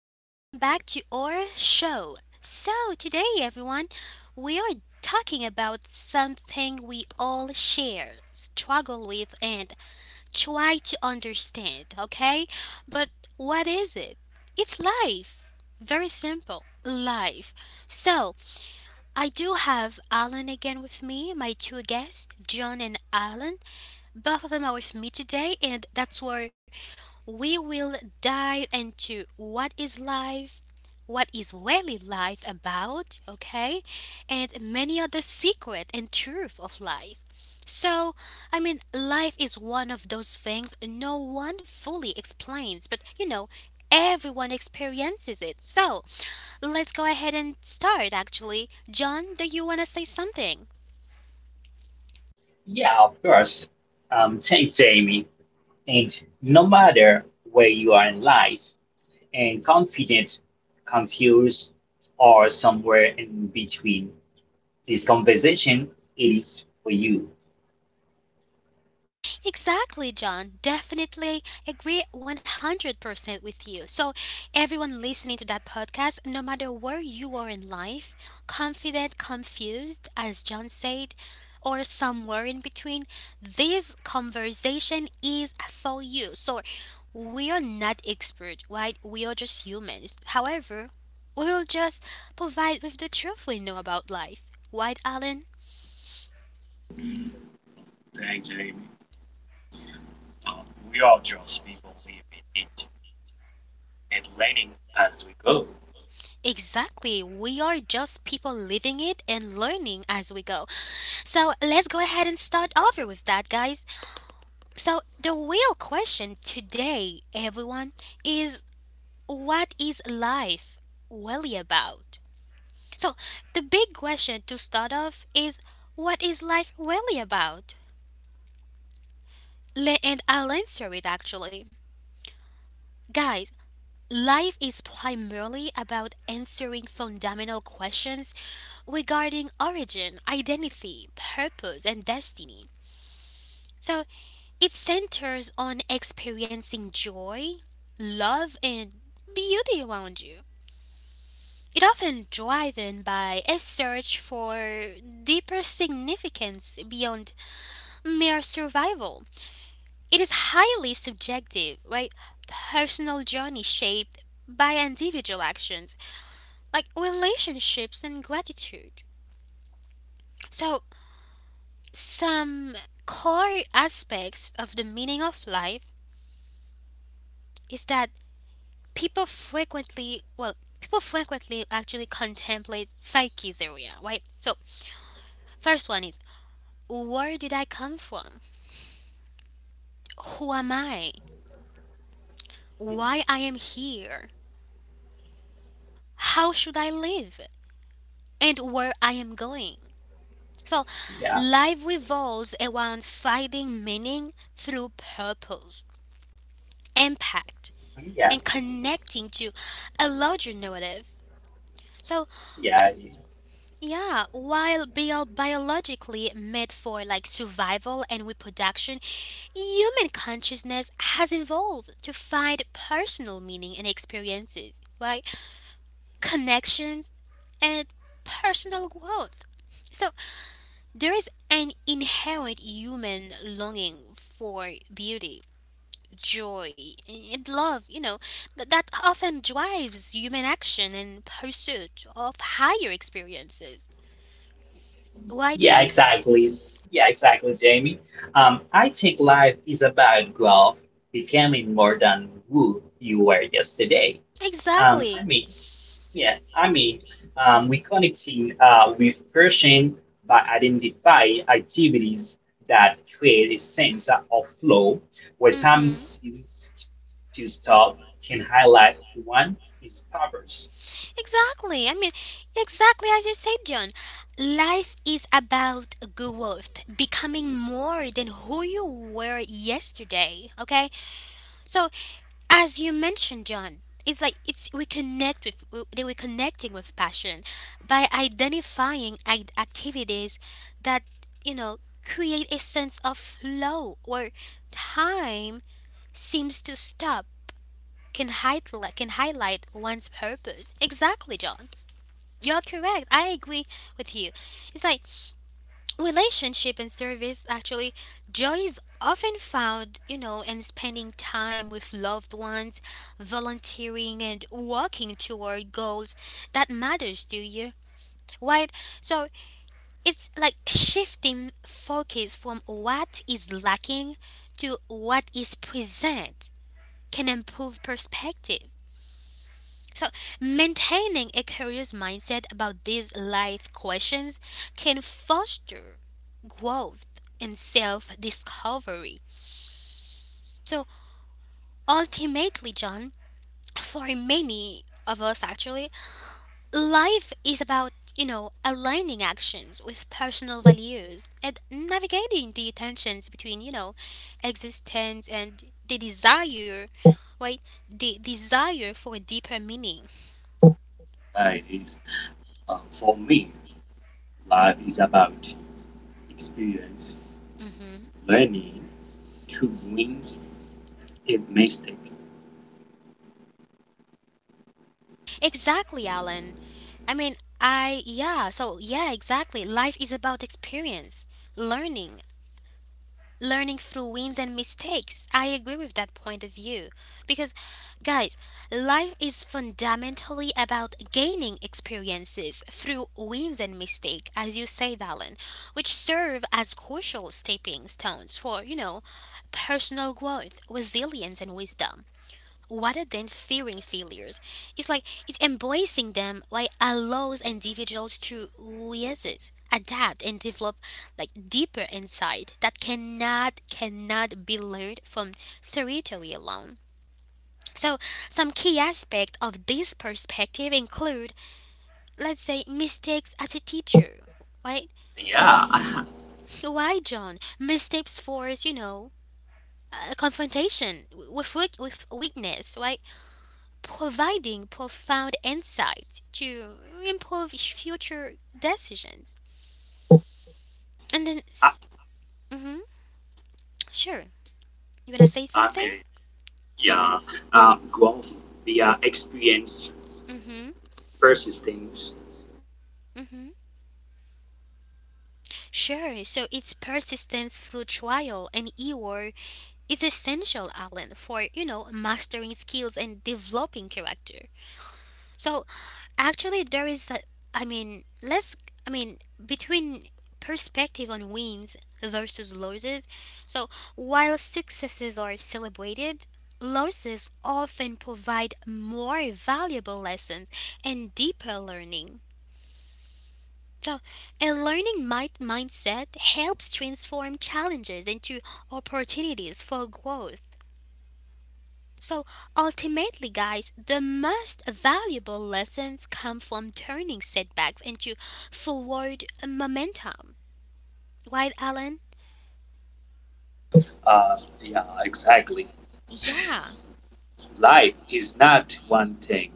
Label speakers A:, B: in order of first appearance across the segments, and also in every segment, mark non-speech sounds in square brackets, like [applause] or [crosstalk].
A: welcome back to our show. So, today, everyone, we are talking about something we all share, struggle with, and try to understand, okay? But what is it? It's life. Very simple. Life. So, I do have Alan again with me, my two guests, John and Alan. Both of them are with me today, and that's where we will dive into what is life, what is really life about, okay, and many other secret and truth of life. So, I mean, life is one of those things no one fully explains, but everyone experiences it. So, let's go ahead and start actually. John, do you want to say something?
B: Yeah, of course. Thanks, Jamie. And no matter where you are in life, and confident, confused, or somewhere in between, this conversation is for you.
A: Exactly, John. Definitely agree 100% with you. So, everyone listening to that podcast, no matter where you are in life, confident, confused, as John said, or somewhere in between, this conversation is for you. So, we are not expert, right? We are just humans. However, we will just provide with the truth we know about life. Right, Alan?
C: Hey, Jamie. Um, we are just people living it and learning as we go.
A: Exactly. We are just people living it and learning as we go. So let's go ahead and start over with that, guys. So, the real question today, everyone, is what is life really about? So, the big question to start off is what is life really about? And I'll answer it actually. Guys, life is primarily about answering fundamental questions regarding origin, identity, purpose, and destiny. So it centers on experiencing joy, love, and beauty around you. It often driven by a search for deeper significance beyond mere survival. It is highly subjective, right? Personal journey shaped by individual actions like relationships and gratitude. So some core aspects of the meaning of life is that people frequently, well, people frequently actually contemplate five keys area, right? So, first one is where did I come from? Who am I? Why I am here? How should I live? And where I am going? So,
B: Yeah,
A: life revolves around finding meaning through purpose, impact,
B: yeah,
A: and connecting to a larger narrative. So,
B: yeah,
A: yeah, while biologically made for like survival and reproduction, human consciousness has evolved to find personal meaning and experiences, right? Connections and personal growth. So there is an inherent human longing for beauty, joy, and love, that often drives human action and pursuit of higher experiences. Why,
B: yeah,
A: John?
B: exactly. Yeah, exactly, Jamie. I think life is about growth, becoming more than who you were yesterday. Um, I
A: Exactly.
B: mean, Yeah, I mean, we connecting with person by identifying activities that create a sense of flow where time
A: Mm-hmm.
B: seems to stop can highlight one is purpose.
A: Exactly. I mean, exactly as you said, John. Life is about growth, becoming more than who you were yesterday. Okay. So, as you mentioned, John, it's like it's we connect with we, that we're connecting with passion by identifying activities that you know create a sense of flow where time seems to stop can highlight one's purpose. Exactly, John. You're correct. I agree with you. It's like relationship and service actually joy is often found, you know, in spending time with loved ones, volunteering and working toward goals that matters to you. Right? So it's like shifting focus from what is lacking to what is present can improve perspective. So, maintaining a curious mindset about these life questions can foster growth and self discovery. So, ultimately, John, for many of us actually, life is about, you know, aligning actions with personal values and navigating the tensions between, you know, existence and the desire, right? The desire for a deeper meaning.
C: That is, for me, life is about experience,
A: Mm-hmm.
C: learning to win a mistake.
A: Exactly, Alan. I mean, I, yeah, so yeah, exactly. Life is about experience, learning, learning through wins and mistakes. I agree with that point of view. Because, guys, life is fundamentally about gaining experiences through wins and mistakes, as you say, Alan, which serve as crucial stepping stones for, you know, personal growth, resilience, and wisdom rather than fearing failures. It's like it's embracing them like allows individuals to reassess, adapt and develop like deeper insight that cannot be learned from theory alone. So some key aspect of this perspective include let's say mistakes as a teacher, right? So
C: Yeah,
A: why John? Mistakes force, you know, confrontation with weakness, right? Providing profound insights to improve future decisions. And then,
C: I,
A: mm-hmm, sure. You wanna say
C: I
A: something?
C: mean, yeah, Growth via experience,
A: Hmm.
C: persistence.
A: Hmm. Sure. So it's persistence through trial and error is essential, Alan, for you know mastering skills and developing character. So actually, there is a, I mean, let's, I mean, between perspective on wins versus losses. So, while successes are celebrated, losses often provide more valuable lessons and deeper learning. So, a mindset helps transform challenges into opportunities for growth. So ultimately, guys, the most valuable lessons come from turning setbacks into forward momentum. Right, Alan?
C: Uh, yeah, exactly.
A: Yeah,
C: Life is not one thing.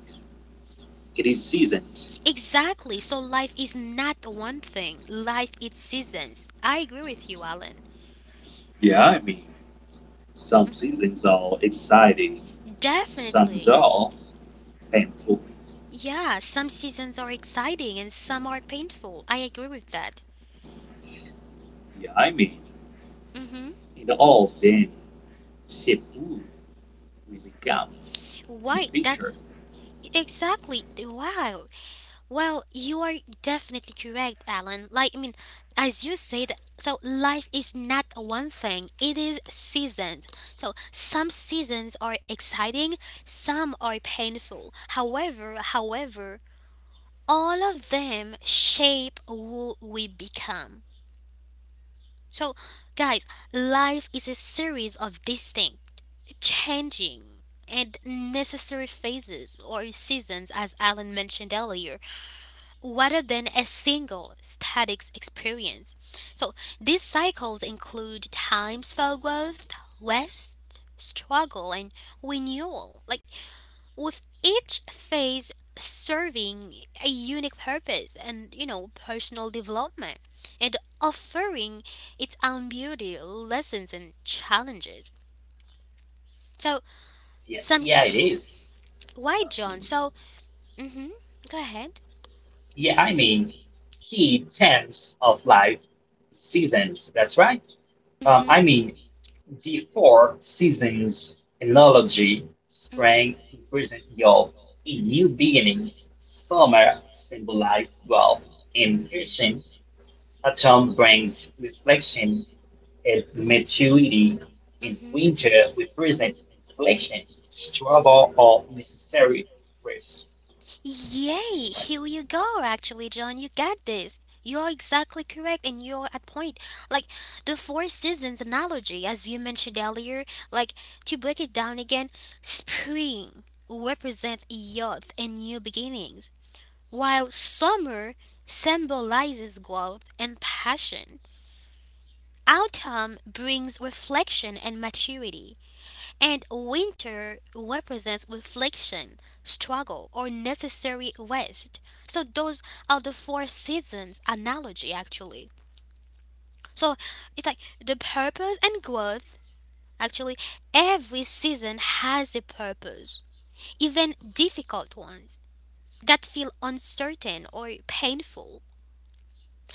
C: It is seasons.
A: exactly. So life is not one thing, life is seasons. I agree with you, Alan.
C: Yeah, I mean, some
A: Hmm.
C: seasons are exciting, some
A: Definitely.
C: are painful.
A: Yeah, some seasons are exciting and some are painful. I agree with that.
C: Yeah, I mean,
A: Mm-hmm.
C: in all of them, shape who we become in
A: Why?
C: the future.
A: That's exactly. Wow. Well, you are definitely correct, Alan. Like, I mean, as you said, so life is not one thing, it is seasons. So, some seasons are exciting, some are painful. However, all of them shape who we become. So, guys, life is a series of distinct, changing, and necessary phases or seasons, as Alan mentioned earlier rather than a single static experience. So these cycles include times for growth, rest, struggle, and renewal. Like with each phase serving a unique purpose and you know personal development and offering its own beauty, lessons, and challenges. So
B: Yeah,
A: some
B: yeah, it
A: key.
B: is.
A: Why, John? So, hmm. Go ahead.
B: Yeah, I mean, key terms of life seasons. That's right. I
A: Hmm.
B: mean, the Four Seasons analogy
A: Hmm.
B: sprang increasingly off in new beginnings. Summer symbolized wealth, and
A: Hmm.
B: ancient autumn brings reflection and maturity, and
A: Hmm.
B: winter represents inflation, struggle, or necessary rest.
A: Yay!
B: Right.
A: Here you go, actually, John. You got this. You are exactly correct and you're at point. Like the four seasons analogy, as you mentioned earlier, like to break it down again, spring represents youth and new beginnings, while summer symbolizes growth and passion. Autumn brings reflection and maturity. And winter represents reflection, struggle, or necessary rest. So those are the four seasons analogy actually. So it's like the purpose and growth. Actually, every season has a purpose, even difficult ones that feel uncertain or painful.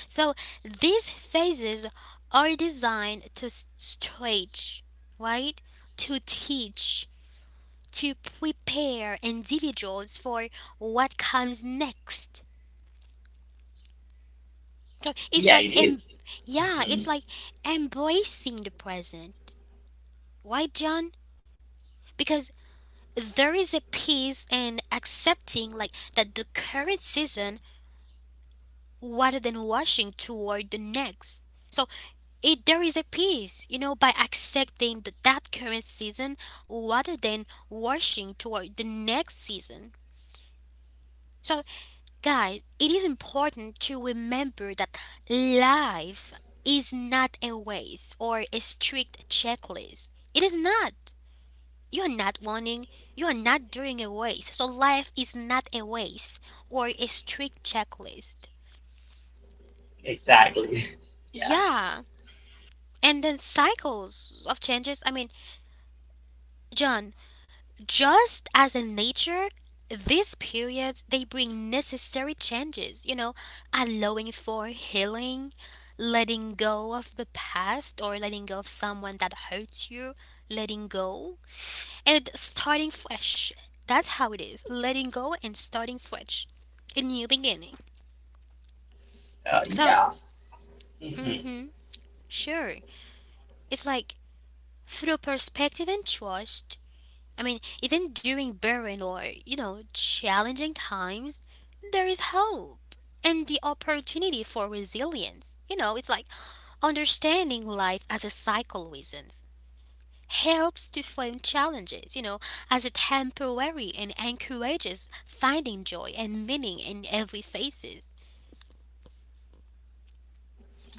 A: So these phases are designed to stretch, right? To teach to prepare individuals for what comes next. So it's
B: Yeah,
A: like,
B: it is.
A: yeah, it's
B: Mhm.
A: like embracing the present. Why, John? Because there is a peace in accepting like that the current season rather than rushing toward the next. So it there is a peace, you know, by accepting that current season rather than rushing toward the next season. So guys, it is important to remember that life is not a race or a strict checklist. It is not. You are not running, you are not doing a race. So life is not a race or a strict checklist.
B: Exactly. [laughs] Yeah.
A: Yeah. And then cycles of changes. I mean, John, just as in nature, these periods they bring necessary changes, you know, allowing for healing, letting go of the past or letting go of someone that hurts you, letting go and starting fresh. That's how it is. Letting go and starting fresh. A new beginning. So,
B: Yeah. hmm
A: mhm. Sure. It's like through perspective and trust, I mean, even during barren or, you know, challenging times, there is hope and the opportunity for resilience. You know, it's like understanding life as a cycle reasons helps to frame challenges, you know, as a temporary and encourages finding joy and meaning in every phases.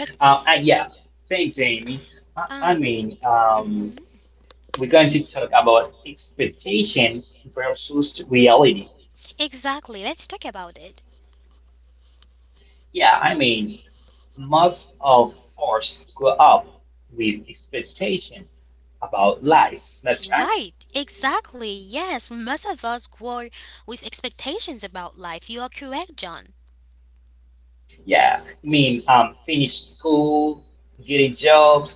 A: But
B: Yeah. Thanks, Amy. I,
A: um
B: I mean, we're going to talk about expectation versus reality.
A: exactly, let's talk about it.
B: Yeah, I mean, most of us grow up with expectation about life. That's right.
A: Right, exactly. Yes, most of us grow with expectations about life. You are correct, John.
B: Mhm. Yeah, I mean, finish school, get a job,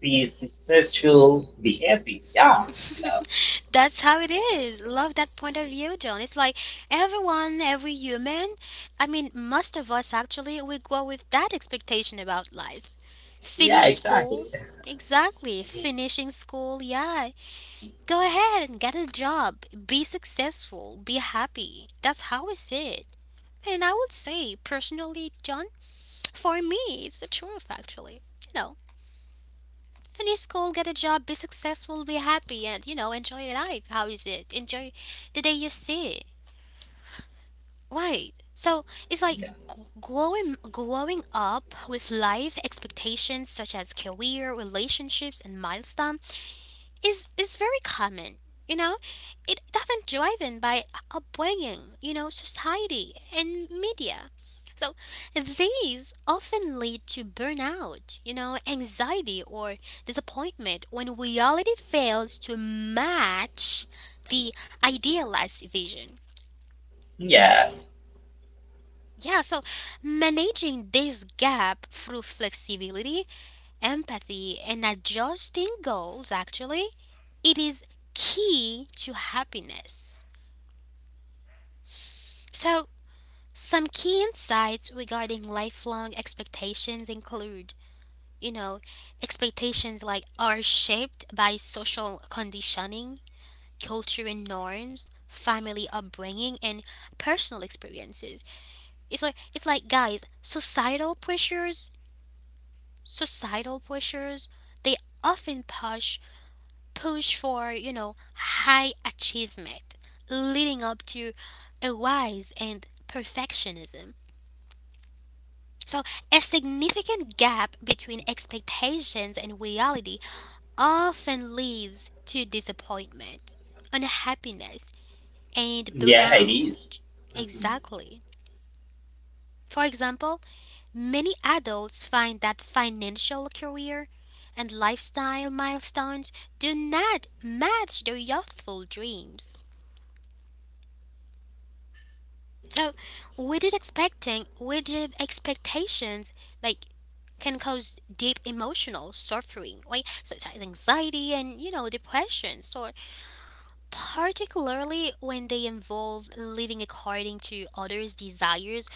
B: be successful, be happy. Yeah, you know.
A: [laughs] That's how it is. Love that point of view, John. It's like everyone, every human, I mean, most of us actually, we grow with that expectation about life.
B: Yeah,
A: Finish school.
B: exactly.
A: Exactly.
B: Mhm.
A: Finishing school, yeah. Go ahead and get a job. Be successful. Be happy. That's how we see it. And I would say, personally, John, for me, it's the truth, actually. You finish school, get a job, be successful, be happy, and you know, enjoy your life. How is it? Enjoy the day you see it. Right. So it's like growing up with life expectations such as career, relationships, and milestones is very common. You know, it often driven by upbringing, you know, society and media. So these often lead to burnout, you know, anxiety or disappointment when reality fails to match the idealized vision.
B: Yeah,
A: Yeah, so managing this gap through flexibility empathy, and adjusting goals, actually, it is key to happiness. So, some key insights regarding lifelong expectations include you know, expectations like are shaped by social conditioning, culture and norms, family upbringing, and personal experiences. It's like guys, societal pressures. They often push for, you know, high achievement, leading up to a rise and perfectionism. So, a significant gap between expectations and reality often leads to disappointment, unhappiness, and
B: yeah, it is.
A: burnout.
B: Mhm.
A: Exactly. For example, many adults find that financial career and lifestyle milestones do not match their youthful dreams. So rigid expectations like can cause deep emotional suffering, right? Such as anxiety and you know depression. So particularly when they involve living according to others' desires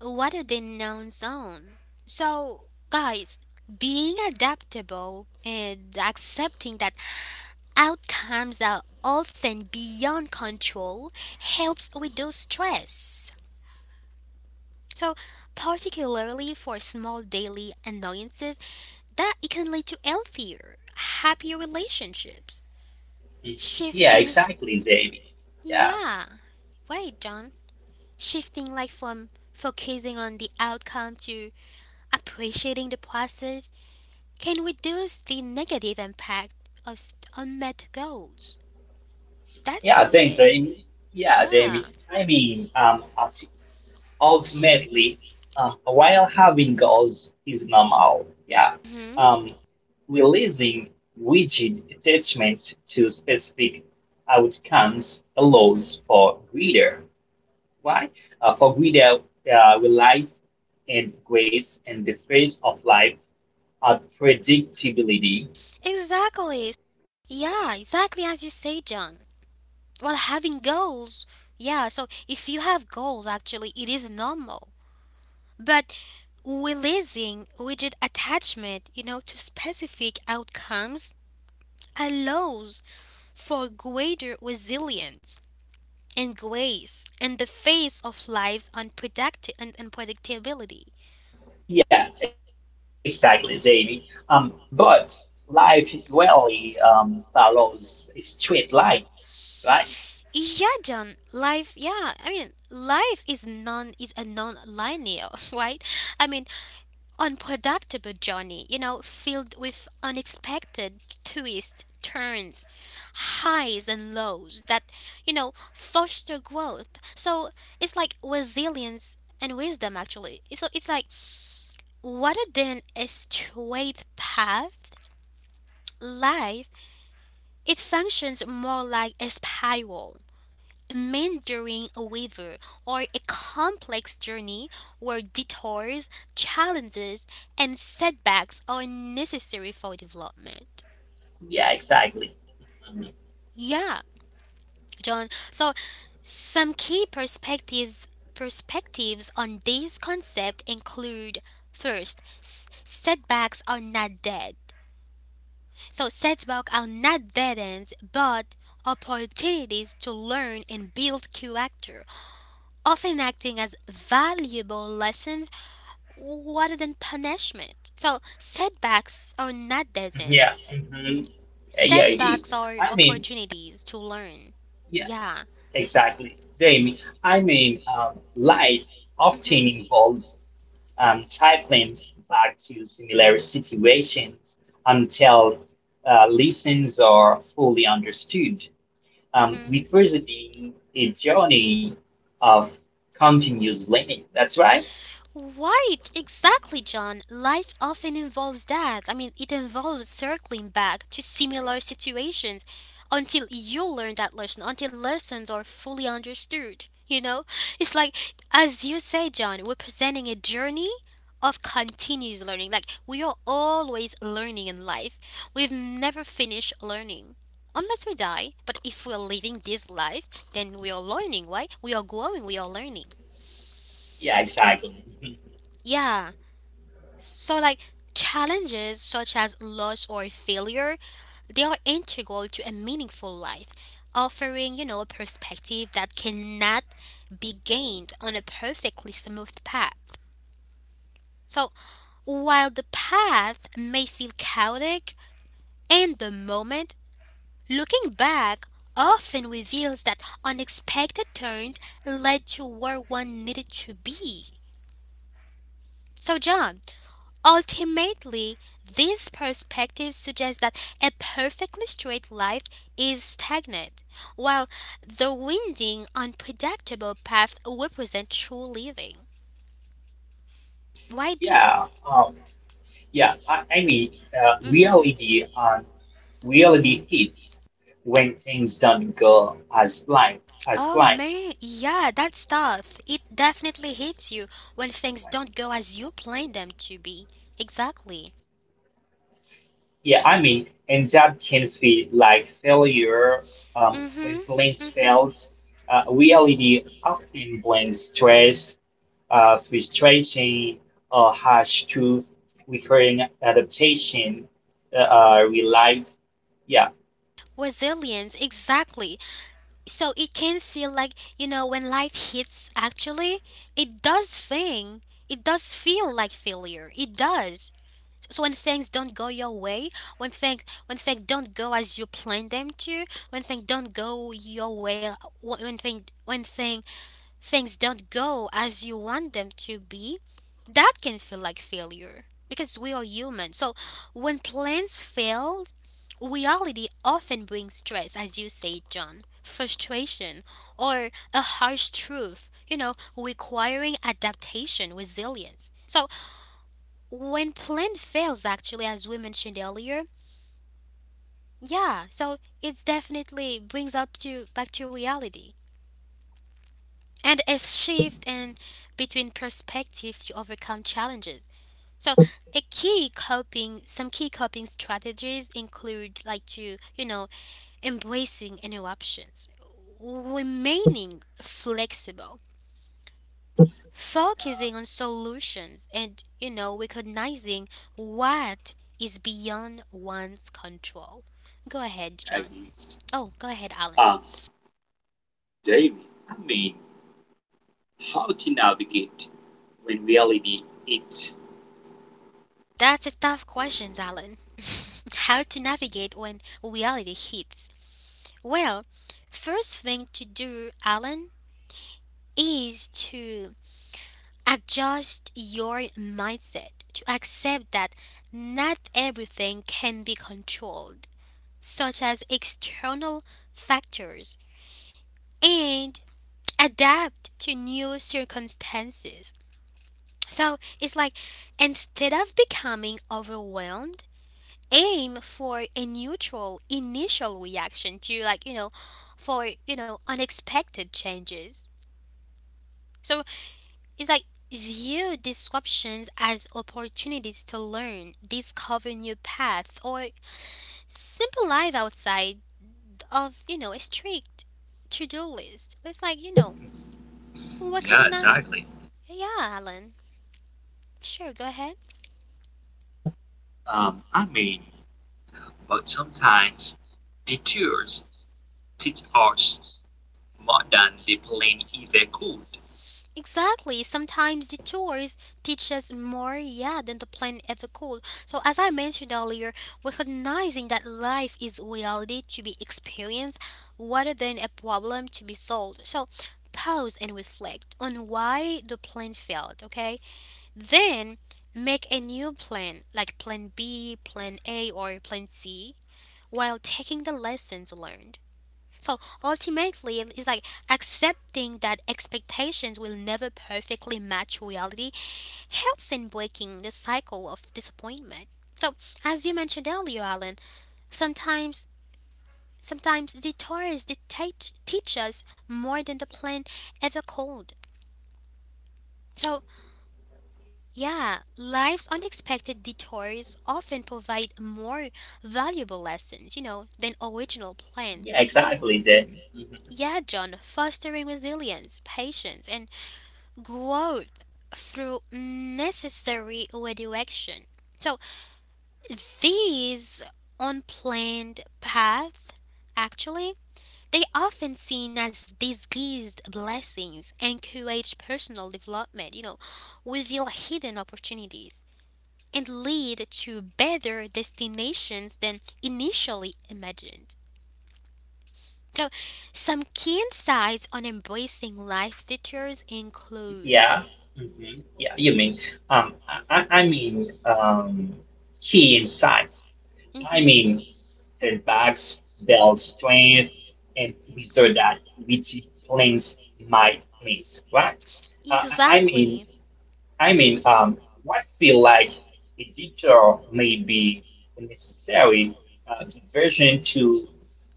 A: rather than one's own. So guys, being adaptable and accepting that outcomes are often beyond control helps reduce stress. So, particularly for small daily annoyances that it can lead to healthier, happier relationships.
B: Yeah,
A: Shifting,
B: exactly, Jamie. Yeah.
A: yeah, right, John. Shifting like from focusing on the outcome to appreciating the process can reduce the negative impact of unmet goals. That's
B: Yeah,
A: how it
B: thanks,
A: is.
B: Amy. Yeah, Jamie.
A: Yeah.
B: I mean, ultimately, while having goals is normal, yeah,
A: Mhm.
B: um, releasing rigid attachments to specific outcomes allows for greater, why? For greater reliance and grace in the face of life, predictability.
A: Exactly. Yeah, exactly as you say, John. Well, having goals, yeah, so if you have goals, actually, it is normal. But releasing widget attachment, you know, to specific outcomes allows for greater resilience and grace in the face of life's unpredictability.
B: Yeah, exactly, Jamie. But life rarely follows a straight line, right?
A: Yeah, John. Life. Yeah, I mean, life is a non-linear, [laughs] right? I mean, unpredictable journey, you know, filled with unexpected twists, turns, highs and lows that, you know, foster growth. So it's like resilience and wisdom actually. So it's like rather than a straight path, life it functions more like a spiral meandering waiver or a complex journey where detours, challenges, and setbacks are necessary for development.
B: Yeah, exactly. Mhm.
A: Yeah, John. So some key perspectives on this concept include first, setbacks are not dead. So setbacks are not dead ends, but opportunities to learn and build character, often acting as valuable lessons rather than punishment. So setbacks are not deaths.
B: Yeah, hmm yeah, yeah, it
A: Setbacks
B: is.
A: are
B: I mean,
A: opportunities to learn.
B: yeah,
A: Yeah.
B: exactly, Jamie. I mean, life
A: Mhm.
B: often involves cycling back to similar situations until lessons are fully understood,
A: Mhm.
B: representing a journey of continuous learning. That's right.
A: Right, exactly, John. Life often involves that. I mean, it involves circling back to similar situations until you learn that lesson, until lessons are fully understood. You know, it's like, as you say, John, we're presenting a journey of continuous learning. Like, we are always learning in life, we've never finished learning. Unless we die, but if we're living this life, then we are learning, right? We are growing, we are learning.
B: Yeah, exactly. [laughs]
A: Yeah. So, like challenges such as loss or failure, they are integral to a meaningful life, offering, you know, a perspective that cannot be gained on a perfectly smooth path. So, while the path may feel chaotic in the moment, looking back often reveals that unexpected turns led to where one needed to be. So, John, ultimately, these perspectives suggest that a perfectly straight life is stagnant, while the winding, unpredictable path represents true living. Right, John?
B: Yeah, um, yeah. I mean,
A: Mm-hmm.
B: reality and reality hits when things don't go as planned. As
A: Oh
B: planned.
A: man, yeah, that stuff. It definitely hits you when things don't go as you planned them to be. Exactly.
B: Yeah, I mean, and that can feel like failure when
A: Mm-hmm.
B: plans
A: Mm-hmm.
B: fails. Reality often blends stress, frustration, or harsh truth requiring adaptation, relies. Yeah,
A: Resilience, exactly. So it can feel like, you know, when life hits actually, it does thing, it does feel like failure, it does. So when things don't go your way, when things don't go as you planned them to, when things don't go your way, when things don't go as you want them to be, that can feel like failure because we are human. So when plans fail, reality often brings stress, as you say, John, frustration, or a harsh truth, you know, requiring adaptation, resilience. So when plan fails, actually, as we mentioned earlier, yeah, so it's definitely brings up to back to reality. And a shift in between perspectives to overcome challenges. So, some key coping strategies include like to, you know, embracing interruptions, remaining flexible, focusing on solutions, and, you know, recognizing what is beyond one's control. Go ahead,
C: Yeah,
A: John.
C: he's,
A: Oh, go ahead, Alan.
C: um, David, I mean, how to navigate when reality hits.
A: That's a tough question, Alan. [laughs] How to navigate when reality hits? Well, first thing to do, Alan, is to adjust your mindset to accept that not everything can be controlled, such as external factors, and adapt to new circumstances. So it's like instead of becoming overwhelmed, aim for a neutral initial reaction to, like, you know, for, you know, unexpected changes. So it's like view disruptions as opportunities to learn, discover new paths, or simple life outside of, you know, a strict to-do list. It's like, you know, what,
C: Yeah,
A: recognize,
C: exactly.
A: yeah, Alan, sure, go ahead.
C: Um, I mean, but sometimes detours teach us more than the plane ever could.
A: Exactly. Sometimes the tours teach us more, yeah, than the plan ever could. So, as I mentioned earlier, recognizing that life is reality to be experienced rather than a problem to be solved. So, pause and reflect on why the plan failed, okay? Then make a new plan, like plan B, plan A, or plan C, while taking the lessons learned. So ultimately, it's like accepting that expectations will never perfectly match reality helps in breaking the cycle of disappointment. So, as you mentioned earlier, Alan, sometimes sometimes detours dictate teach us more than the plan ever could. So yeah, life's unexpected detours often provide more valuable lessons, you know, than original plans. You know,
B: exactly, Jamie. Mhm.
A: yeah, John, fostering resilience, patience, and growth through necessary redirection. So, these unplanned paths, actually, they often seen as disguised blessings, encourage personal development, you know, reveal hidden opportunities and lead to better destinations than initially imagined. So, some key insights on embracing life's detours include.
B: Yeah. Yeah, you mean, I mean, key insights. I
A: Mhm.
B: mean, setbacks build strength and wizard that which plans might miss, right? Uh, I I mean,
A: Exactly.
B: I mean, what feel like a detour may be a necessary diversion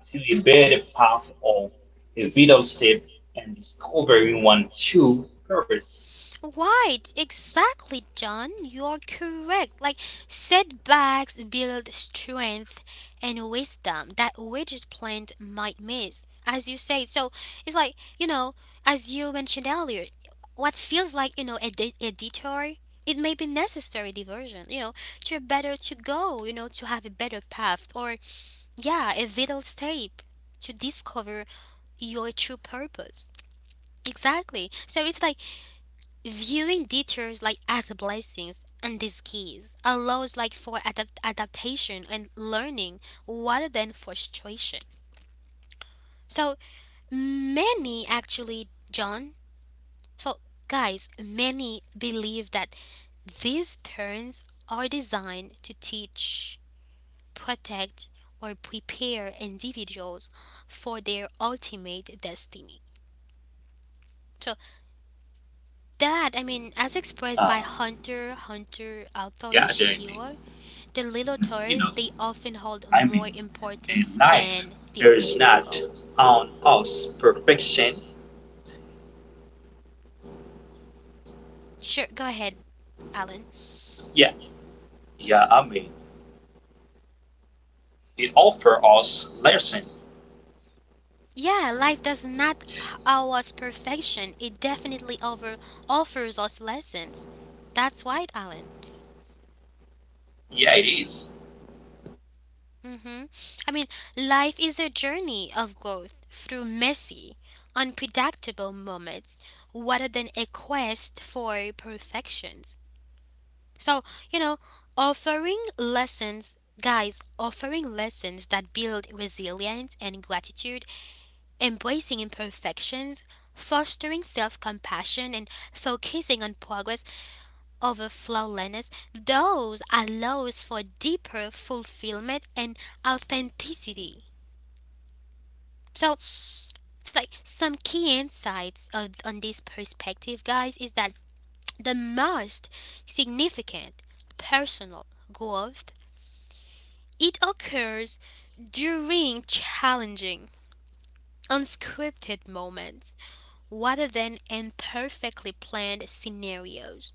B: to a better path of a video step and discovering one true purpose.
A: Right, exactly, John. You are correct. Like, setbacks build strength and wisdom that rigid plant might miss, as you said. So, it's like, you know, as you mentioned earlier, what feels like, you know, a detour, it may be necessary diversion, you know, to a better to go, you know, to have a better path or, yeah, a vital step to discover your true purpose. Exactly. So, it's like, viewing detours like as a blessings and these keys allows like for adaptation and learning rather than frustration. So many actually, John. So guys, many believe that these turns are designed to teach, protect, or prepare individuals for their ultimate destiny. So that I mean, as expressed by
C: Uh,
A: Hunter author
C: yeah, Jamie.
A: Yoshihiro, the little
C: You know,
A: toys, they often hold
C: I
A: more
C: mean, in
A: importance
C: life,
A: than the
C: there is
A: original
C: not
A: goal.
C: on us perfection.
A: Sure, go ahead, Alan.
C: Yeah, Yeah, I mean, it offer us lesson.
A: Yeah, life does not owe us perfection. It definitely over offers us lessons. That's right, Alan.
C: Yeah, it is.
A: Mm hmm I mean, life is a journey of growth through messy, unpredictable moments rather than a quest for perfection. So, you know, offering lessons, guys, offering lessons that build resilience and gratitude, embracing imperfections, fostering self compassion, and focusing on progress over flawlessness, those allows for deeper fulfillment and authenticity. So, it's like some key insights of, on this perspective, guys, is that the most significant personal growth it occurs during challenging, unscripted moments rather than in perfectly planned scenarios.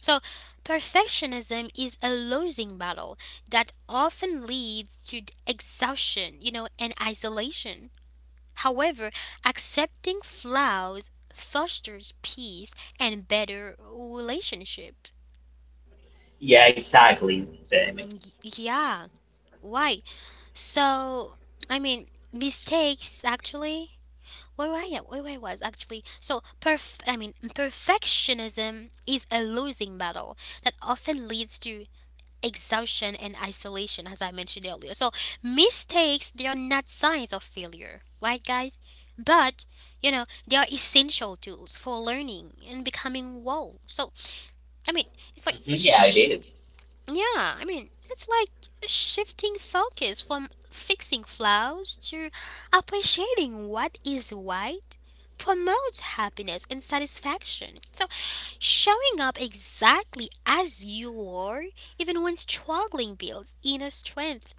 A: So, perfectionism is a losing battle that often leads to exhaustion, you know, and isolation. However, accepting flaws fosters peace and better relationships.
B: Yeah, exactly, Jamie.
A: Mm, yeah, why? So, I mean, mistakes actually where I was actually so perf, I mean perfectionism is a losing battle that often leads to exhaustion and isolation as I mentioned earlier. So mistakes they are not signs of failure, right guys? But you know, they are essential tools for learning and becoming whole. So I mean it's like
B: Mhm. Yeah, it
A: shh,
B: is.
A: yeah, I mean, it's like shifting focus from fixing flaws to appreciating what is right promotes happiness and satisfaction. So, showing up exactly as you are, even when struggling, builds inner strength,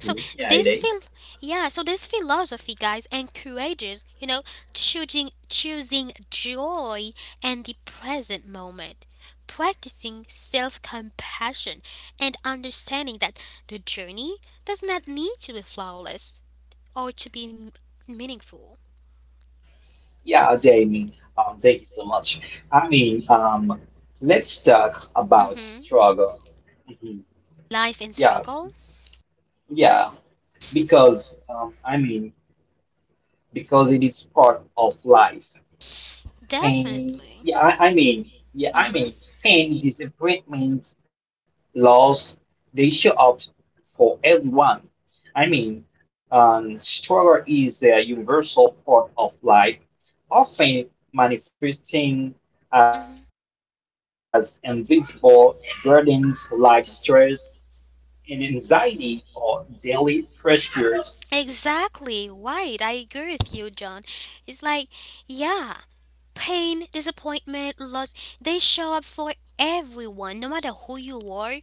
A: so
B: Yeah, it
A: this phil,
B: is.
A: yeah, so this philosophy guys encourages, you know, choosing joy and the present moment, practicing self-compassion and understanding that the journey does not need to be flawless or to be meaningful.
B: Yeah, Jamie, thank you so much. I mean, let's talk about
A: Mhm.
B: struggle. Mhm.
A: Life and
B: Yeah,
A: struggle?
B: yeah, because I mean, because it is part of life. Pain,
A: Definitely.
B: yeah, I mean, yeah, I
A: Mhm.
B: mean, pain, disappointment, loss, they show up for everyone. I mean, struggle is a universal part of life, often manifesting as invisible burdens, life stress, and anxiety or daily pressures.
A: Exactly, right. I agree with you, John. It's like, yeah, pain, disappointment, loss, they show up for everyone, no matter who you are.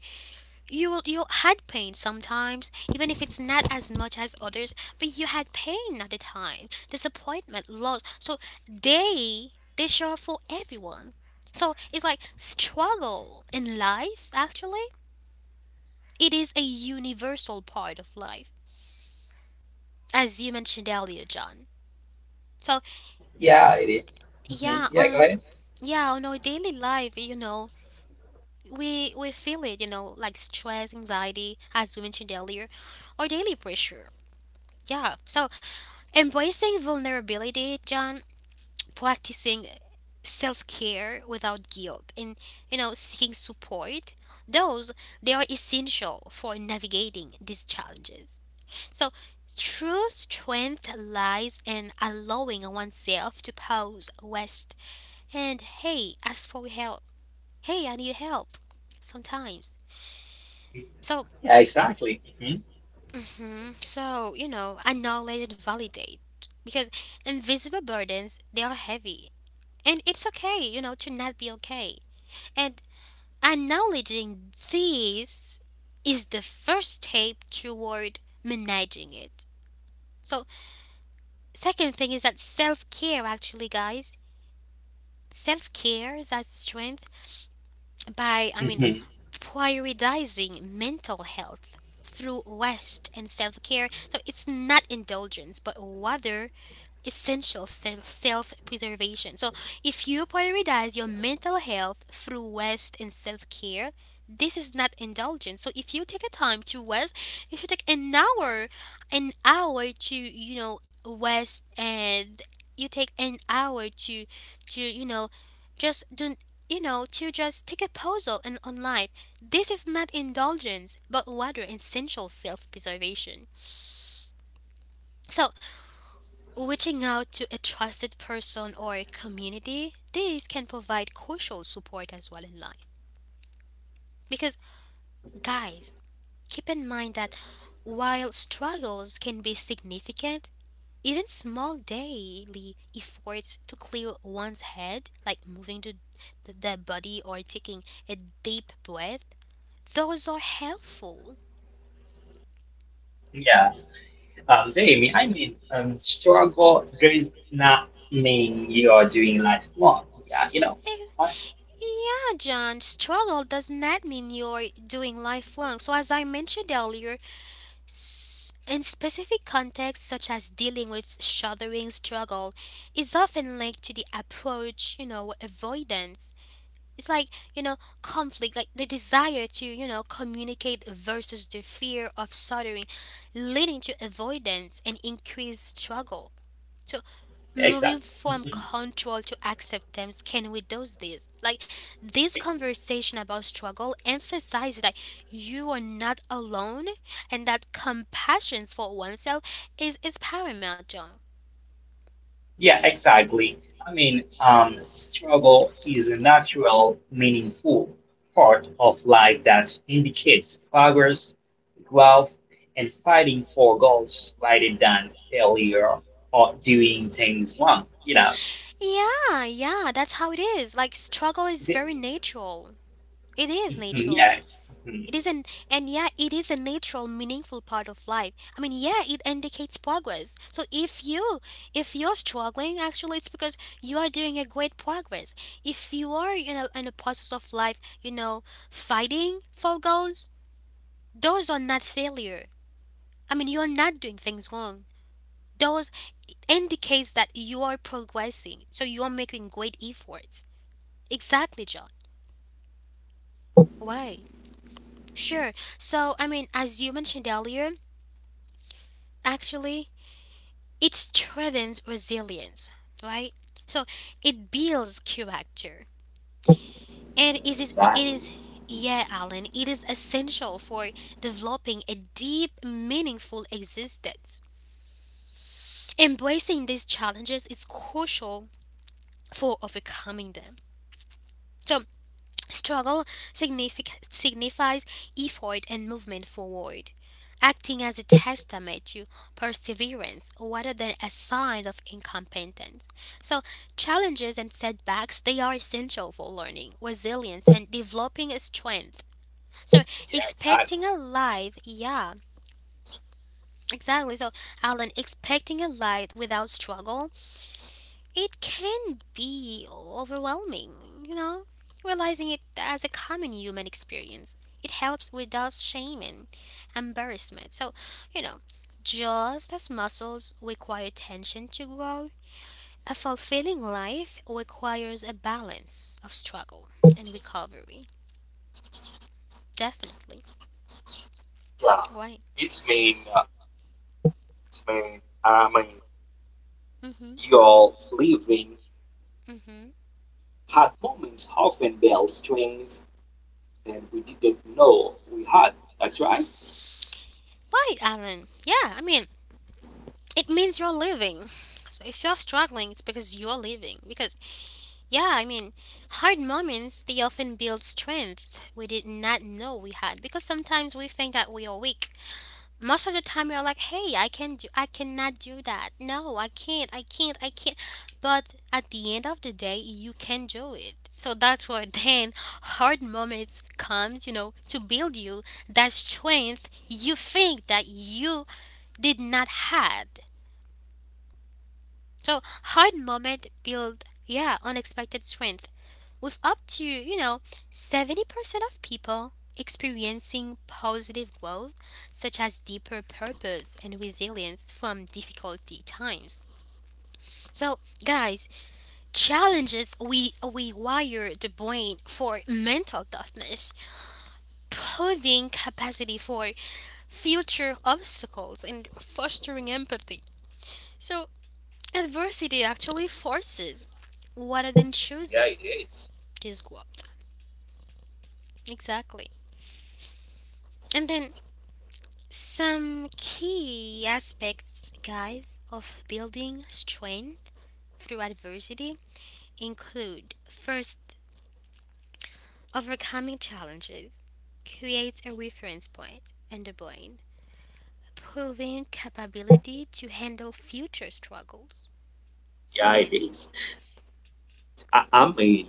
A: You had pain sometimes, even if it's not as much as others, but you had pain at the time, disappointment, loss. So they show up for everyone. So it's like struggle in life actually. It is a universal part of life, as you mentioned earlier, John. So
B: Yeah, it is. Mhm. Yeah, go
A: yeah
B: ahead.
A: on, yeah on our daily life, you know, we feel it, you know, like stress, anxiety, as we mentioned earlier, or daily pressure, yeah. So embracing vulnerability, John, practicing self-care without guilt and, you know, seeking support, those they are essential for navigating these challenges. So true strength lies in allowing oneself to pause, rest, and hey, ask for help. Hey, I need help sometimes. So,
B: Yeah, exactly. Mhm.
A: mhm, so you know, acknowledge and validate because invisible burdens they are heavy, and it's okay, you know, to not be okay. And acknowledging these is the first step toward managing it. So, second thing is that self care actually, guys. Self care is as strength by I mean
B: Mhm.
A: prioritizing mental health through rest and self care. So it's not indulgence, but rather essential self preservation. So, if you prioritize your mental health through rest and self care, this is not indulgence. So, if you take a time to rest, you should take an hour to you know rest, and you take an hour to you know just do you know to just take a pause and on life. This is not indulgence, but rather essential self preservation. So reaching out to a trusted person or a community, this can provide crucial support as well in life. Because, guys, keep in mind that while struggles can be significant, even small daily efforts to clear one's head, like moving to their body or taking a deep breath, those are helpful.
B: Yeah. So Amy, I mean, struggle does not mean you are doing life wrong. Yeah, you know.
A: Eh, Yeah, John, struggle does not mean you're doing life wrong. So, as I mentioned earlier, in specific contexts, such as dealing with shuddering struggle, is often linked to the approach, avoidance. It's like, you know, conflict, like the desire to, communicate versus the fear of shuddering, leading to avoidance and increased struggle. So moving
B: Exactly.
A: from control to acceptance can we do this like this conversation about struggle emphasizes that you are not alone and that compassion for oneself is paramount, John.
B: Yeah, exactly. I mean, struggle is a natural, meaningful part of life that indicates progress, growth, and fighting for goals rather than failure or doing things wrong. You know.
A: Yeah, yeah, that's how it is, like struggle is
B: The-
A: very natural, it is
B: Mhm.
A: natural.
B: Yeah. Mhm.
A: It is an and Yeah, it is a natural, meaningful part of life. I mean, yeah, it indicates progress. So if you if you're struggling, actually, it's because you are doing a great progress. If you are, in a process of life, fighting for goals, those are not failure. I mean, you're not doing things wrong. Those indicates that you are progressing. So you are making great efforts. Exactly, John. Why? Sure. So I mean, as you mentioned earlier, actually it strengthens resilience, right? So it builds character. And
C: Yeah,
A: it
C: exactly.
A: is Yeah, Alan, it is essential for developing a deep, meaningful existence. Embracing these challenges is crucial for overcoming them. So struggle signifies effort and movement forward, acting as a testament to perseverance rather than a sign of incompetence. So, challenges and setbacks they are essential for learning, resilience, and developing a strength. So,
C: Yeah, exactly.
A: expecting a life, yeah, exactly. So, Alan, expecting a life without struggle it can be overwhelming, you know? Realizing it as a common human experience. It helps without shame and embarrassment. So, you know, just as muscles require tension to grow, a fulfilling life requires a balance of struggle and recovery. Definitely.
C: Yeah,
A: Right.
C: it's been, uh, it's been, I mean,
A: Mm-hmm.
C: Your living
A: Mm-hmm.
C: had moments often built strength that we didn't know we had. That's right.
A: Right, Alan. Yeah, I mean, it means you're living. So if you're struggling, it's because you're living. Because yeah, I mean, hard moments, they often build strength we did not know we had because sometimes we think that we are weak. Most of the time we are like, "Hey, I can do I cannot do that. No, I can't. I can't. I can't." But at the end of the day, you can do it. So that's where [laughs] then hard moments comes, to build you that strength you think that you did not had. So hard moment build yeah, unexpected strength with up to, 70% of people experiencing positive growth, such as deeper purpose and resilience from difficulty times. So, guys, challenges we rewire the brain for mental toughness, proving capacity for future obstacles, and fostering empathy. So, adversity actually forces rather than
C: Yeah, it
A: chooses
C: is.
A: this growth. Exactly. And then some key aspects, guys, of building strength through adversity include first, overcoming challenges creates a reference point in the brain, proving capability to handle future struggles.
C: Yeah, it
A: Second,
C: is. I, I mean,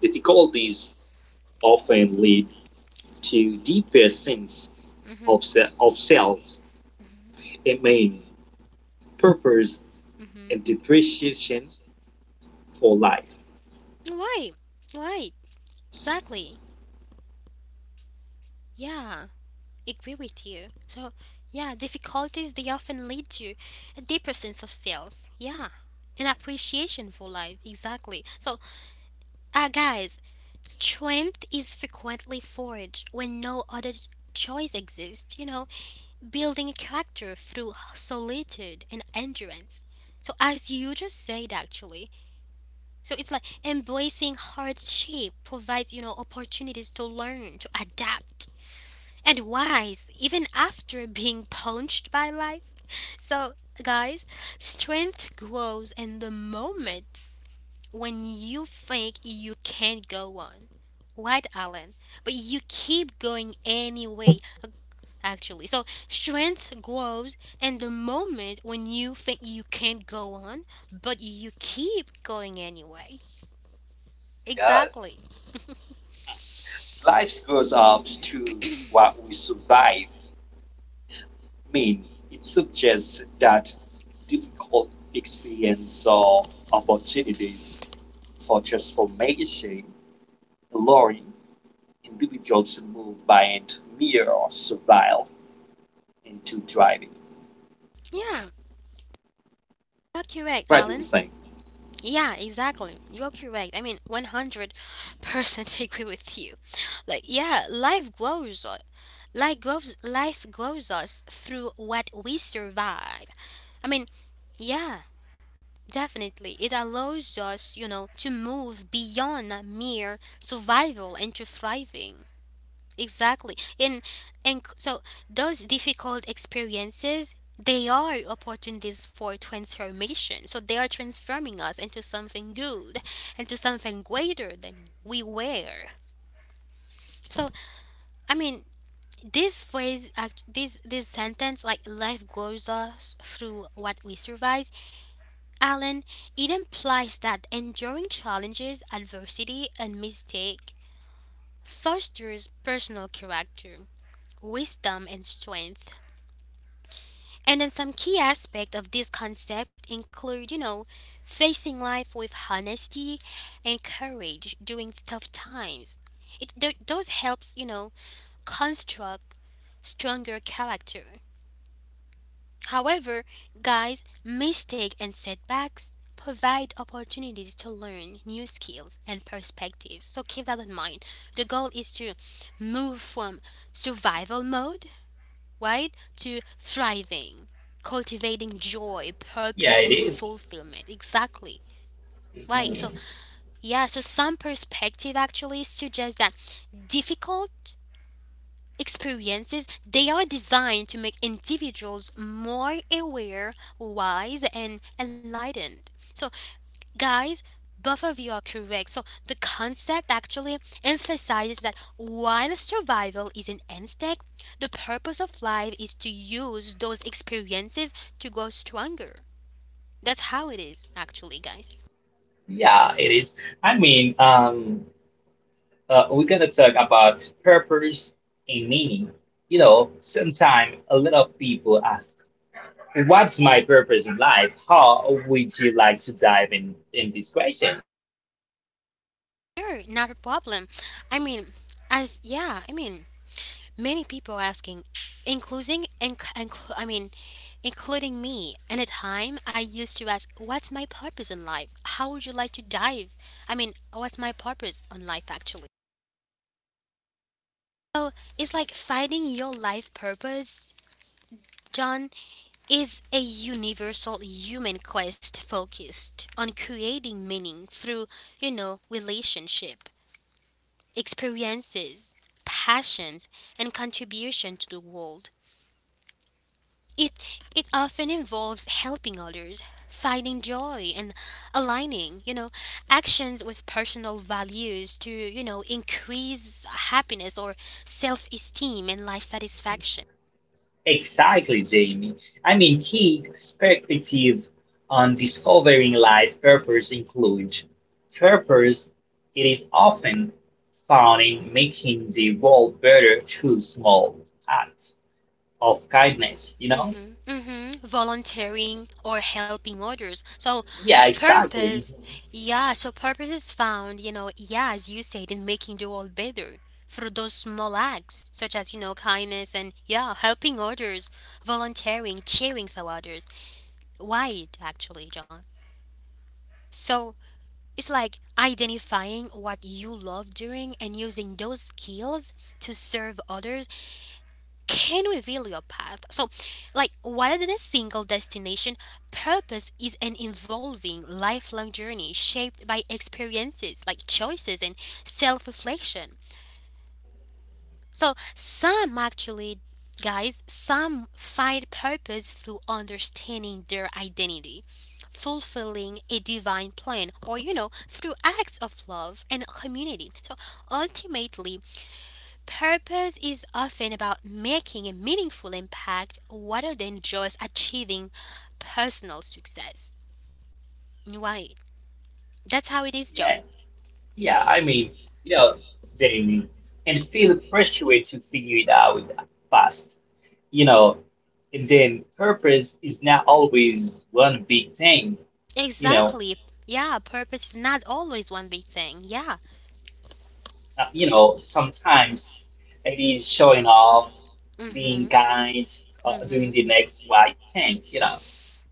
C: Difficulties often lead to deeper sense
A: mhm,
C: of selves.
A: mhm,
C: I mean, Purpose
A: mhm.
C: and depreciation for life.
A: Why? Why? Exactly. Yeah. Agree with you. So, yeah, difficulties they often lead to a deeper sense of self. Yeah, an appreciation for life. Exactly. So, guys, strength is frequently forged when no other choice exists. You know, building a character through solitude and endurance. So, as you just said, actually, so it's like embracing hardship provides you know opportunities to learn, to adapt and wise even after being punched by life. So, guys, strength grows in the moment when you think you can't go on. Right, Alan? But you keep going anyway, actually. So, strength grows in the moment when you think you can't go on, but you keep going anyway.
C: Yeah,
A: Exactly.
C: life goes up to what we survive. Mean, it suggests that difficult experience or opportunities for transformation, allowing individuals to move beyond mere survival into thriving.
A: Yeah, that's correct,
C: What do you
A: Alan.
C: think?
A: Yeah, exactly. You're correct. I mean, 100% [laughs] agree with you. Like, yeah, life grows us. Life grows us through what we survive. I mean, yeah, definitely. It allows us, to move beyond mere survival into thriving. Exactly. So those difficult experiences they are opportunities for transformation. So they are transforming us into something good, into something greater than we were. So I mean, this phrase, this sentence, like life grows us through what we survive, Alan. It implies that enduring challenges, adversity, and mistake fosters personal character, wisdom, and strength. And then some key aspect of this concept include, facing life with honesty and courage during tough times. Those helps, construct stronger character. However, guys, mistake and setbacks provide opportunities to learn new skills and perspectives. So keep that in mind. The goal is to move from survival mode, right? To thriving, cultivating joy, purpose,
B: Yeah, it
A: and
B: is.
A: fulfillment. Exactly. Right. So,
B: Mhm.
A: yeah, so some perspective actually suggests that difficult experiences they are designed to make individuals more aware, wise, and enlightened. So, guys, both of you are correct. So the concept actually emphasizes that while survival is an end stake, the purpose of life is to use those experiences to grow stronger. That's how it is, actually, guys.
B: Yeah, it is. I mean, we're gonna talk about purpose and meaning. You know, sometimes a lot of people ask, "What's my purpose in life?" How would you like to dive in this question?
A: Sure, not a problem. I mean, as yeah, I mean, many people asking, I mean, including me. And at time, I used to ask, "What's my purpose in life? How would you like to dive? I mean, what's my purpose on life actually?" So it's like finding your life purpose, John, is a universal human quest focused on creating meaning through, relationship experiences, passions, and contribution to the world. It often involves helping others, finding joy, and aligning, actions with personal values to, increase happiness or self-esteem and life satisfaction.
B: Exactly, Jamie. I mean, key perspective on discovering life purpose includes purpose. It is often found in making the world better through small acts of kindness, you know?
A: Mm-hmm, mm-hmm. Volunteering or helping others. So,
B: Yeah, exactly.
A: purpose, yeah, so purpose is found, yeah, as you said, in making the world better through those small acts, such as, kindness and, yeah, helping others, volunteering, cheering for others. Wide, actually, John. So, it's like identifying what you love doing and using those skills to serve others can reveal your path. So, like, rather than a single destination, purpose is an evolving, lifelong journey shaped by experiences, like choices and self reflection. So, some actually, guys, some find purpose through understanding their identity. Fulfilling a divine plan, or you know, through acts of love and community. So ultimately, purpose is often about making a meaningful impact rather than just achieving personal success. Right. That's how it is, John.
B: Yeah, yeah, I mean, you know, Jamie, and feel pressure to figure it out fast, you know, and then purpose is not always one big thing, you know,
A: Exactly. Yeah, purpose is not always one big thing. Yeah.
B: you know, sometimes it is showing off,
A: Mhm.
B: being kind, doing
A: Mhm.
B: the next right thing, you know.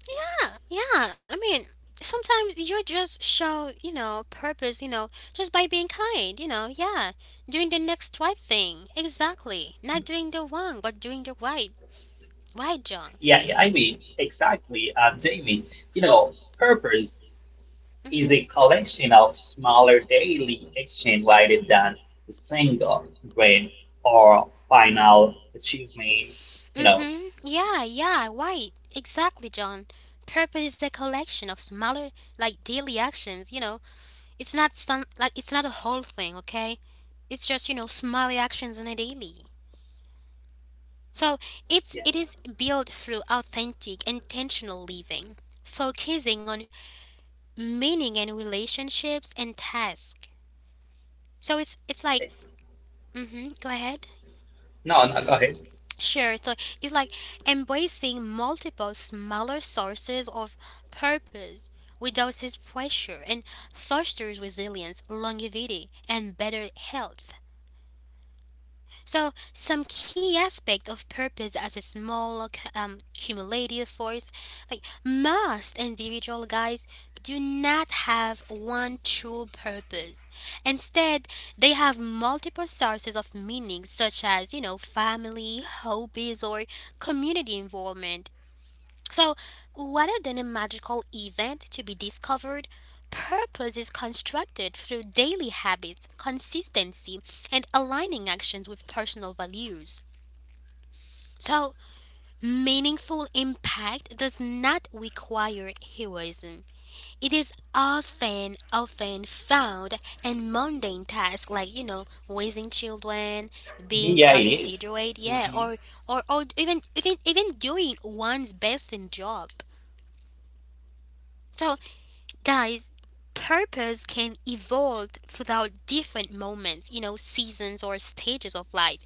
A: Yeah. Yeah. I mean, sometimes you just show, purpose, just by being kind, you know. Yeah. Doing the next right thing. Exactly. Not doing the wrong, but doing the right. Right, John.
B: Yeah, yeah, I mean, exactly, Jamie, you know, purpose is
A: Mhm.
B: a collection of smaller daily actions rather than a single grade or final achievement. You know,
A: Mm-hmm. Yeah, yeah, right. Exactly, John. Purpose is a collection of smaller, like daily actions, you know. It's not a whole thing, okay? It's just, small actions on a daily. So it's
B: yeah.
A: it is built through authentic, intentional living, focusing on meaning and relationships and task. So it's like mm-hmm, go ahead.
B: No, no, go ahead.
A: Sure. So it's like embracing multiple smaller sources of purpose without his pressure and fosters resilience, longevity, and better health. So, some key aspect of purpose as a small cumulative force, like most individual guys, do not have one true purpose. Instead, they have multiple sources of meaning, such as, family, hobbies, or community involvement. So, rather than a magical event to be discovered, purpose is constructed through daily habits, consistency, and aligning actions with personal values. So, meaningful impact does not require heroism. It is often found in mundane tasks like, raising children,
B: Mhm.
A: being
B: Yeah, it is.
A: considerate, yeah, or even, even doing one's best in job. So guys, purpose can evolve throughout different moments, seasons or stages of life,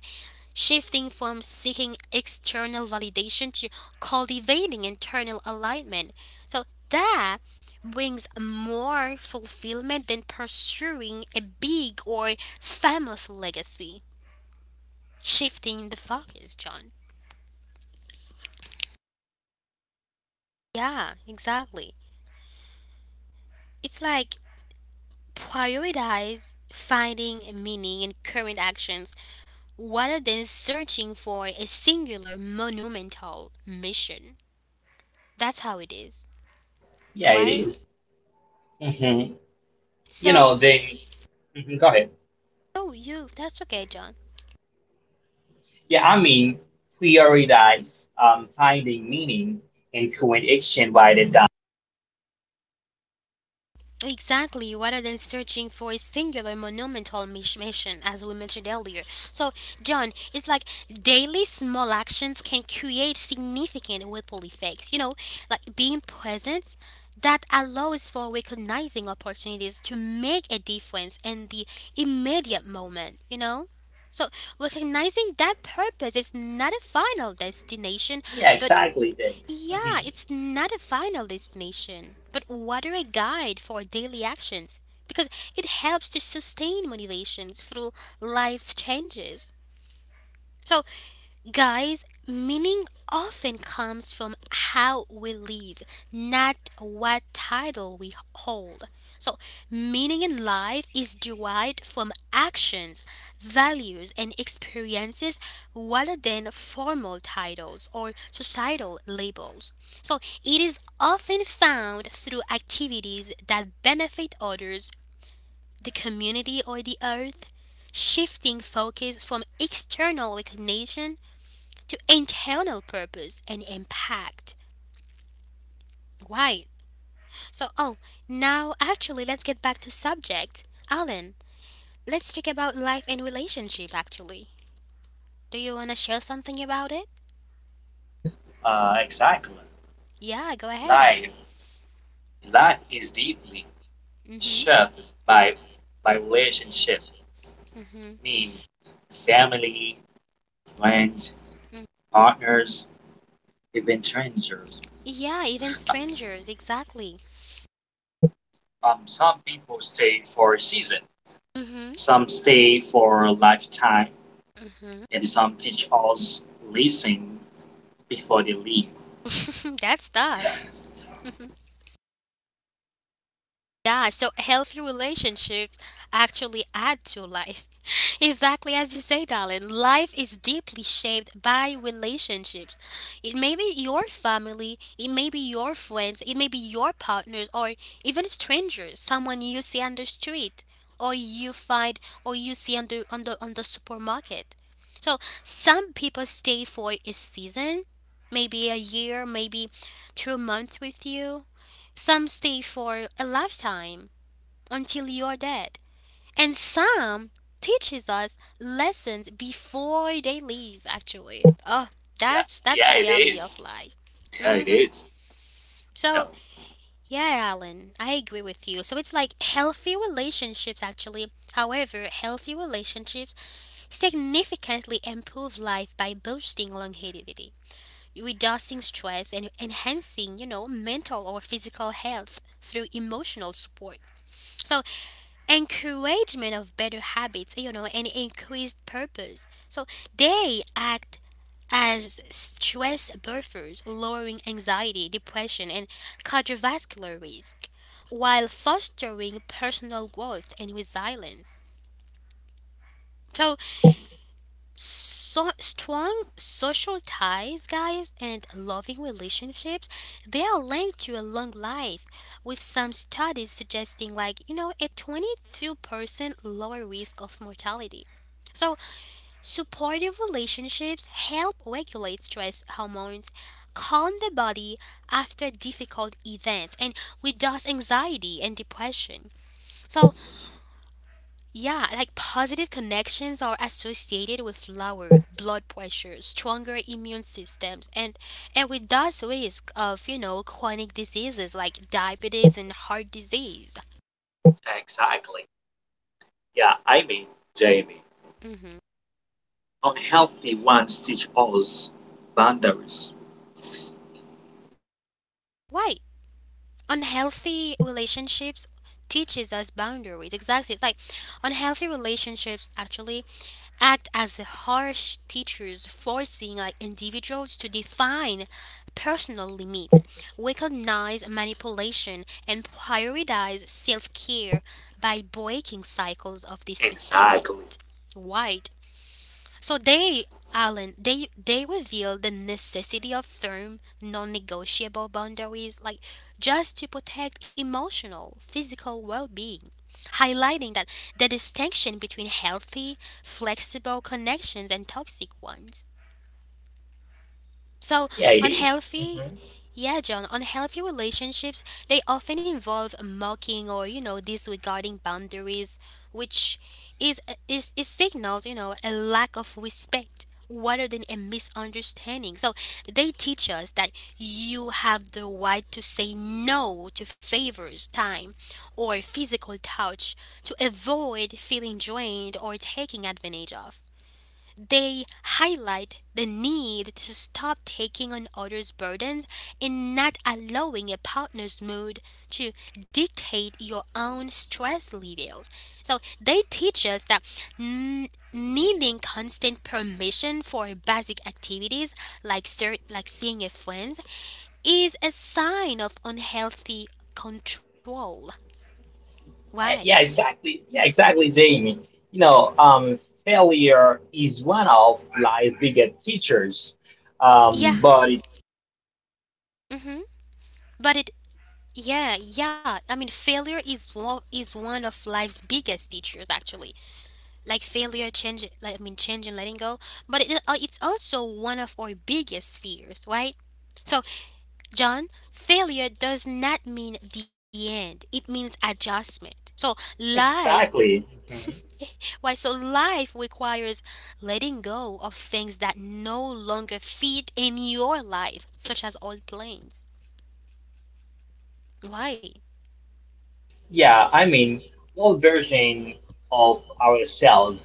A: shifting from seeking external validation to cultivating internal alignment. So that brings more fulfillment than pursuing a big or famous legacy. Shifting the focus, John. Yeah, exactly. It's like prioritize finding meaning in current actions rather than searching for a singular monumental mission. That's how it is,
B: Yeah, it
A: right?
B: is. Mm-hmm. You know,
A: So,
B: then mhm, go ahead.
A: that's okay, John.
B: Yeah, I mean, prioritize finding meaning in current action rather than.
A: Exactly, rather than searching for a singular monumental mission, as we mentioned earlier. So, John, it's like daily small actions can create significant ripple effects. You know, like being present that allows for recognizing opportunities to make a difference in the immediate moment, you know? So, recognizing that purpose is not a final destination,
B: Yeah,
A: but
B: exactly. Then. hmm
A: yeah, it's not a final destination, but rather a guide for daily actions because it helps to sustain motivations through life's changes. So, guys, meaning often comes from how we live, not what title we hold. So, meaning in life is derived from actions, values, and experiences rather than formal titles or societal labels. So, it is often found through activities that benefit others, the community, or the earth shifting focus from external recognition to internal purpose and impact. Right. So, oh, now actually, let's get back to subject. Alan, let's talk about life and relationship. Actually, do you want to share something about it?
C: Exactly.
A: Yeah, go ahead,
C: Life,
A: Alan.
C: Life is deeply
A: Mhm.
C: shaped by by relationship.
A: Mhm.
C: I mean, Family, friends,
A: Mhm.
C: partners, adventures.
A: Yeah, even strangers. Exactly.
C: Some people stay for a season,
A: Mhm.
C: some stay for a lifetime,
A: Mhm.
C: and some teach us lesson before they leave.
A: [laughs] That's tough. [laughs] Yeah, so healthy relationships actually add to life. [laughs] Exactly as you say, darling. Life is deeply shaped by relationships. It may be your family, it may be your friends, it may be your partners, or even strangers, someone you see on the street, or you find, or you see on the supermarket. So some people stay for a season, maybe a year, maybe 2 months with you, some stay for a lifetime until you're dead. And some teaches us lessons before they leave actually. Oh,
C: Yeah,
A: that's
C: yeah,
A: the
C: it
A: reality
C: is.
A: of life.
C: Yeah, it
A: Mhm.
C: is.
A: So,
C: No,
A: yeah, Alan, I agree with you. So it's like healthy relationships actually. However, healthy relationships significantly improve life by boosting longevity, reducing stress, and enhancing, you know, mental or physical health through emotional support. So encouragement of better habits, you know, and increased purpose. So they act as stress buffers, lowering anxiety, depression, and cardiovascular risk, while fostering personal growth and resilience. So strong social ties, guys, and loving relationships, they are linked to a long life, with some studies suggesting, like, you know, a 22% lower risk of mortality. So supportive relationships help regulate stress hormones, calm the body after difficult events, and reduce anxiety and depression. So yeah, like positive connections are associated with lower blood pressure, stronger immune systems, and with thus risk of, you know, chronic diseases like diabetes and heart disease.
C: Exactly. Yeah, I mean, Jamie,
A: Hmm.
C: unhealthy ones teach us boundaries.
A: Why unhealthy relationships teaches us boundaries? Exactly, it's like unhealthy relationships actually act as harsh teachers, forcing like individuals to define personal limits, recognize manipulation, and prioritize self-care by breaking cycles of
C: Exactly.
A: disrespect. Why? So they, Alan, they reveal the necessity of firm, non-negotiable boundaries, like just to protect emotional, physical well-being, highlighting that the distinction between healthy, flexible connections and toxic ones. So
B: Yeah, it is.
A: unhealthy.
B: Mm-hmm.
A: Yeah, John, unhealthy relationships, they often involve mocking or, you know, disregarding boundaries, which is is signals, you know, a lack of respect rather than a misunderstanding. So they teach us that you have the right to say no to favors, time, or physical touch to avoid feeling drained or taking advantage of. They highlight the need to stop taking on others' burdens and not allowing a partner's mood to dictate your own stress levels. So they teach us that needing constant permission for basic activities like seeing a friend is a sign of unhealthy control. Why?
B: Yeah, exactly. Yeah, exactly, Jamie. You know, failure is one of life's biggest teachers.
A: Yeah.
B: But it,
A: Hmm. But it. Yeah, yeah. I mean, failure is one of life's biggest teachers, actually. Like failure, change, like I mean, change and letting go. But it, it's also one of our biggest fears, right? So, John, failure does not mean the end. It means adjustment. So, life.
B: exactly. Mhm.
A: [laughs] Why? So, life requires letting go of things that no longer fit in your life, such as old plans. Why?
B: Yeah, I mean, all version of ourselves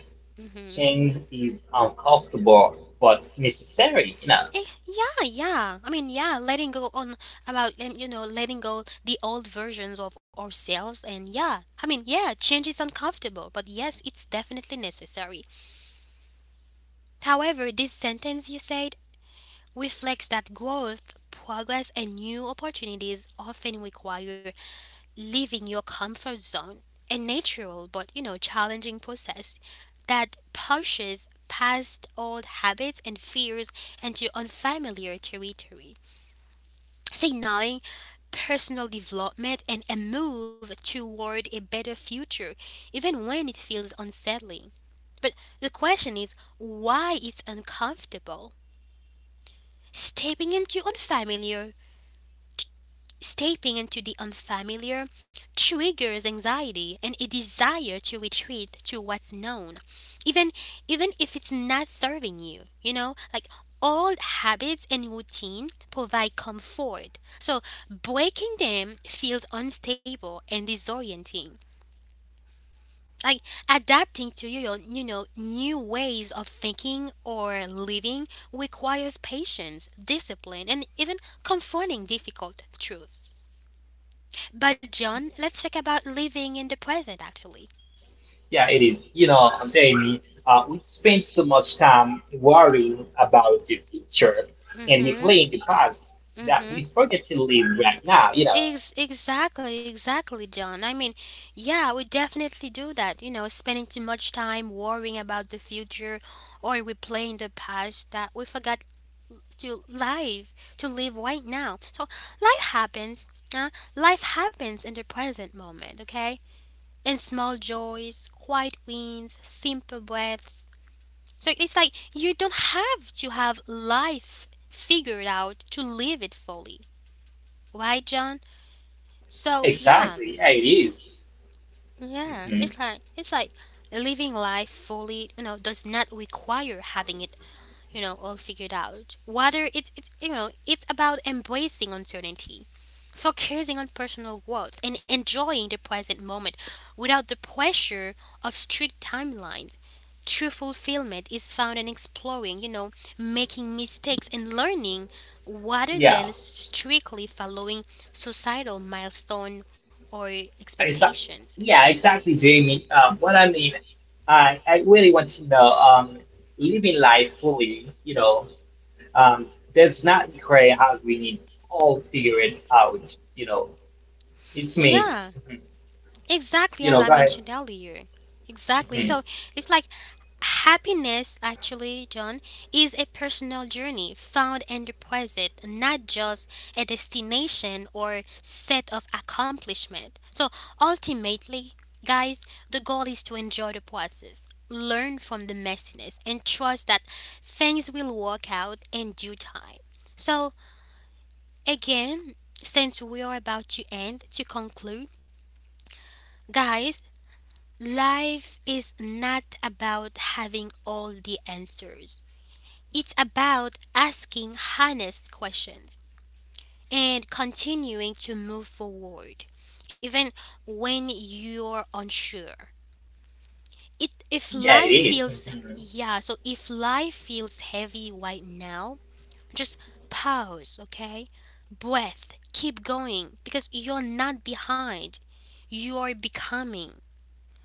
A: Mm-hmm.
B: change is uncomfortable but necessary. You know.
A: Eh, yeah, yeah. I mean, yeah, letting go on about you know, letting go the old versions of ourselves, and yeah, I mean, yeah, change is uncomfortable, but yes, it's definitely necessary. However, this sentence you said reflects that growth, progress, and new opportunities often require leaving your comfort zone. A natural but, you know, challenging process that pushes past old habits and fears into unfamiliar territory. Say signaling personal development and a move toward a better future, even when it feels unsettling. But the question is why it's uncomfortable. Stepping into unfamiliar, Stepping into the unfamiliar triggers anxiety and a desire to retreat to what's known, even if it's not serving you. You know, like old habits and routine provide comfort, so breaking them feels unstable and disorienting. Like adapting to your, you know, new ways of thinking or living requires patience, discipline, and even confronting difficult truths. But John, let's talk about living in the present actually.
B: Yeah, it is. You know, Jamie. We spend so much time worrying about the future, and we
A: Mhm.
B: play in the past that
A: Mhm.
B: we forget to live right now. You know.
A: Exactly, John. I mean, yeah, we definitely do that, you know, spending too much time worrying about the future or replaying the past that we forgot to live, to live right now. So, life happens. Huh? Life happens in the present moment, okay? In small joys, quiet wins, simple breaths. So it's like you don't have to have life figured out to live it fully. Right, John? So yeah,
B: Exactly. Yeah, it is.
A: yeah.
B: Mhm.
A: It's like living life fully, you know, does not require having it, you know, all figured out. Whether it's you know, it's about embracing uncertainty, focusing on personal growth and enjoying the present moment without the pressure of strict timelines. True fulfillment is found in exploring, you know, making mistakes and learning rather
B: Yeah.
A: than strictly following societal milestone or
B: It's
A: expectations.
B: yeah, exactly, Jamie. What I mean, I really want to know living life fully, you know, um, does not require having it all figured out, you know. It's me.
A: Yeah,
B: Mhm.
A: exactly
B: You
A: as
B: know,
A: I
B: go ahead.
A: mentioned earlier. Exactly. So
B: hmm
A: it's like happiness, actually, John, is a personal journey found and requisite, not just a destination or set of accomplishment. So ultimately, guys, the goal is to enjoy the process, learn from the messiness, and trust that things will work out in due time. So again, since we are about to end, to conclude, guys, life is not about having all the answers. It's about asking honest questions and continuing to move forward, even when you're unsure. It, if
B: Yeah, it
A: life
B: is.
A: feels, Yeah, so if life feels heavy right now, just pause, okay? Breath, keep going because you're not behind. You are becoming.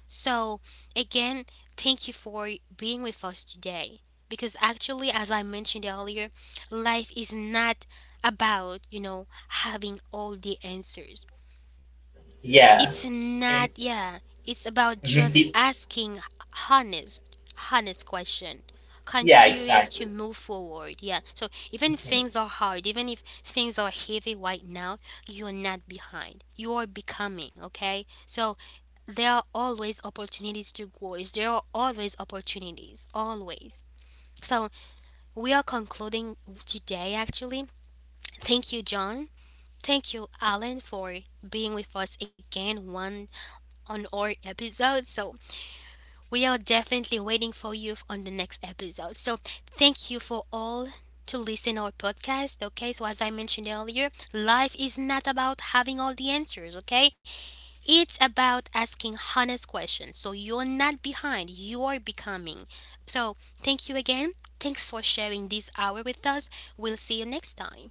A: So, again, thank you for being with us today. Because actually, as I mentioned earlier, life is not about, you know, having all the answers.
B: Yeah.
A: It's not. Yeah, it's about
B: Mhm.
A: just
B: It-
A: asking honest, honest question,
B: Yeah,
A: continuing to
B: exactly.
A: move forward. Yeah. So, even things are hard, even if things are heavy right now, you're not behind. You are becoming, okay? So, there are always opportunities to grow. There are always opportunities, always. So we are concluding today actually. Thank you, John. Thank you, Alan, for being with us again one on our episode. So we are definitely waiting for you on the next episode. So thank you for all to listen our podcast, okay? So as I mentioned earlier, life is not about having all the answers, okay? It's about asking honest questions. So you're not behind, you are becoming. So thank you again. Thanks for sharing this hour with us. We'll see you next time.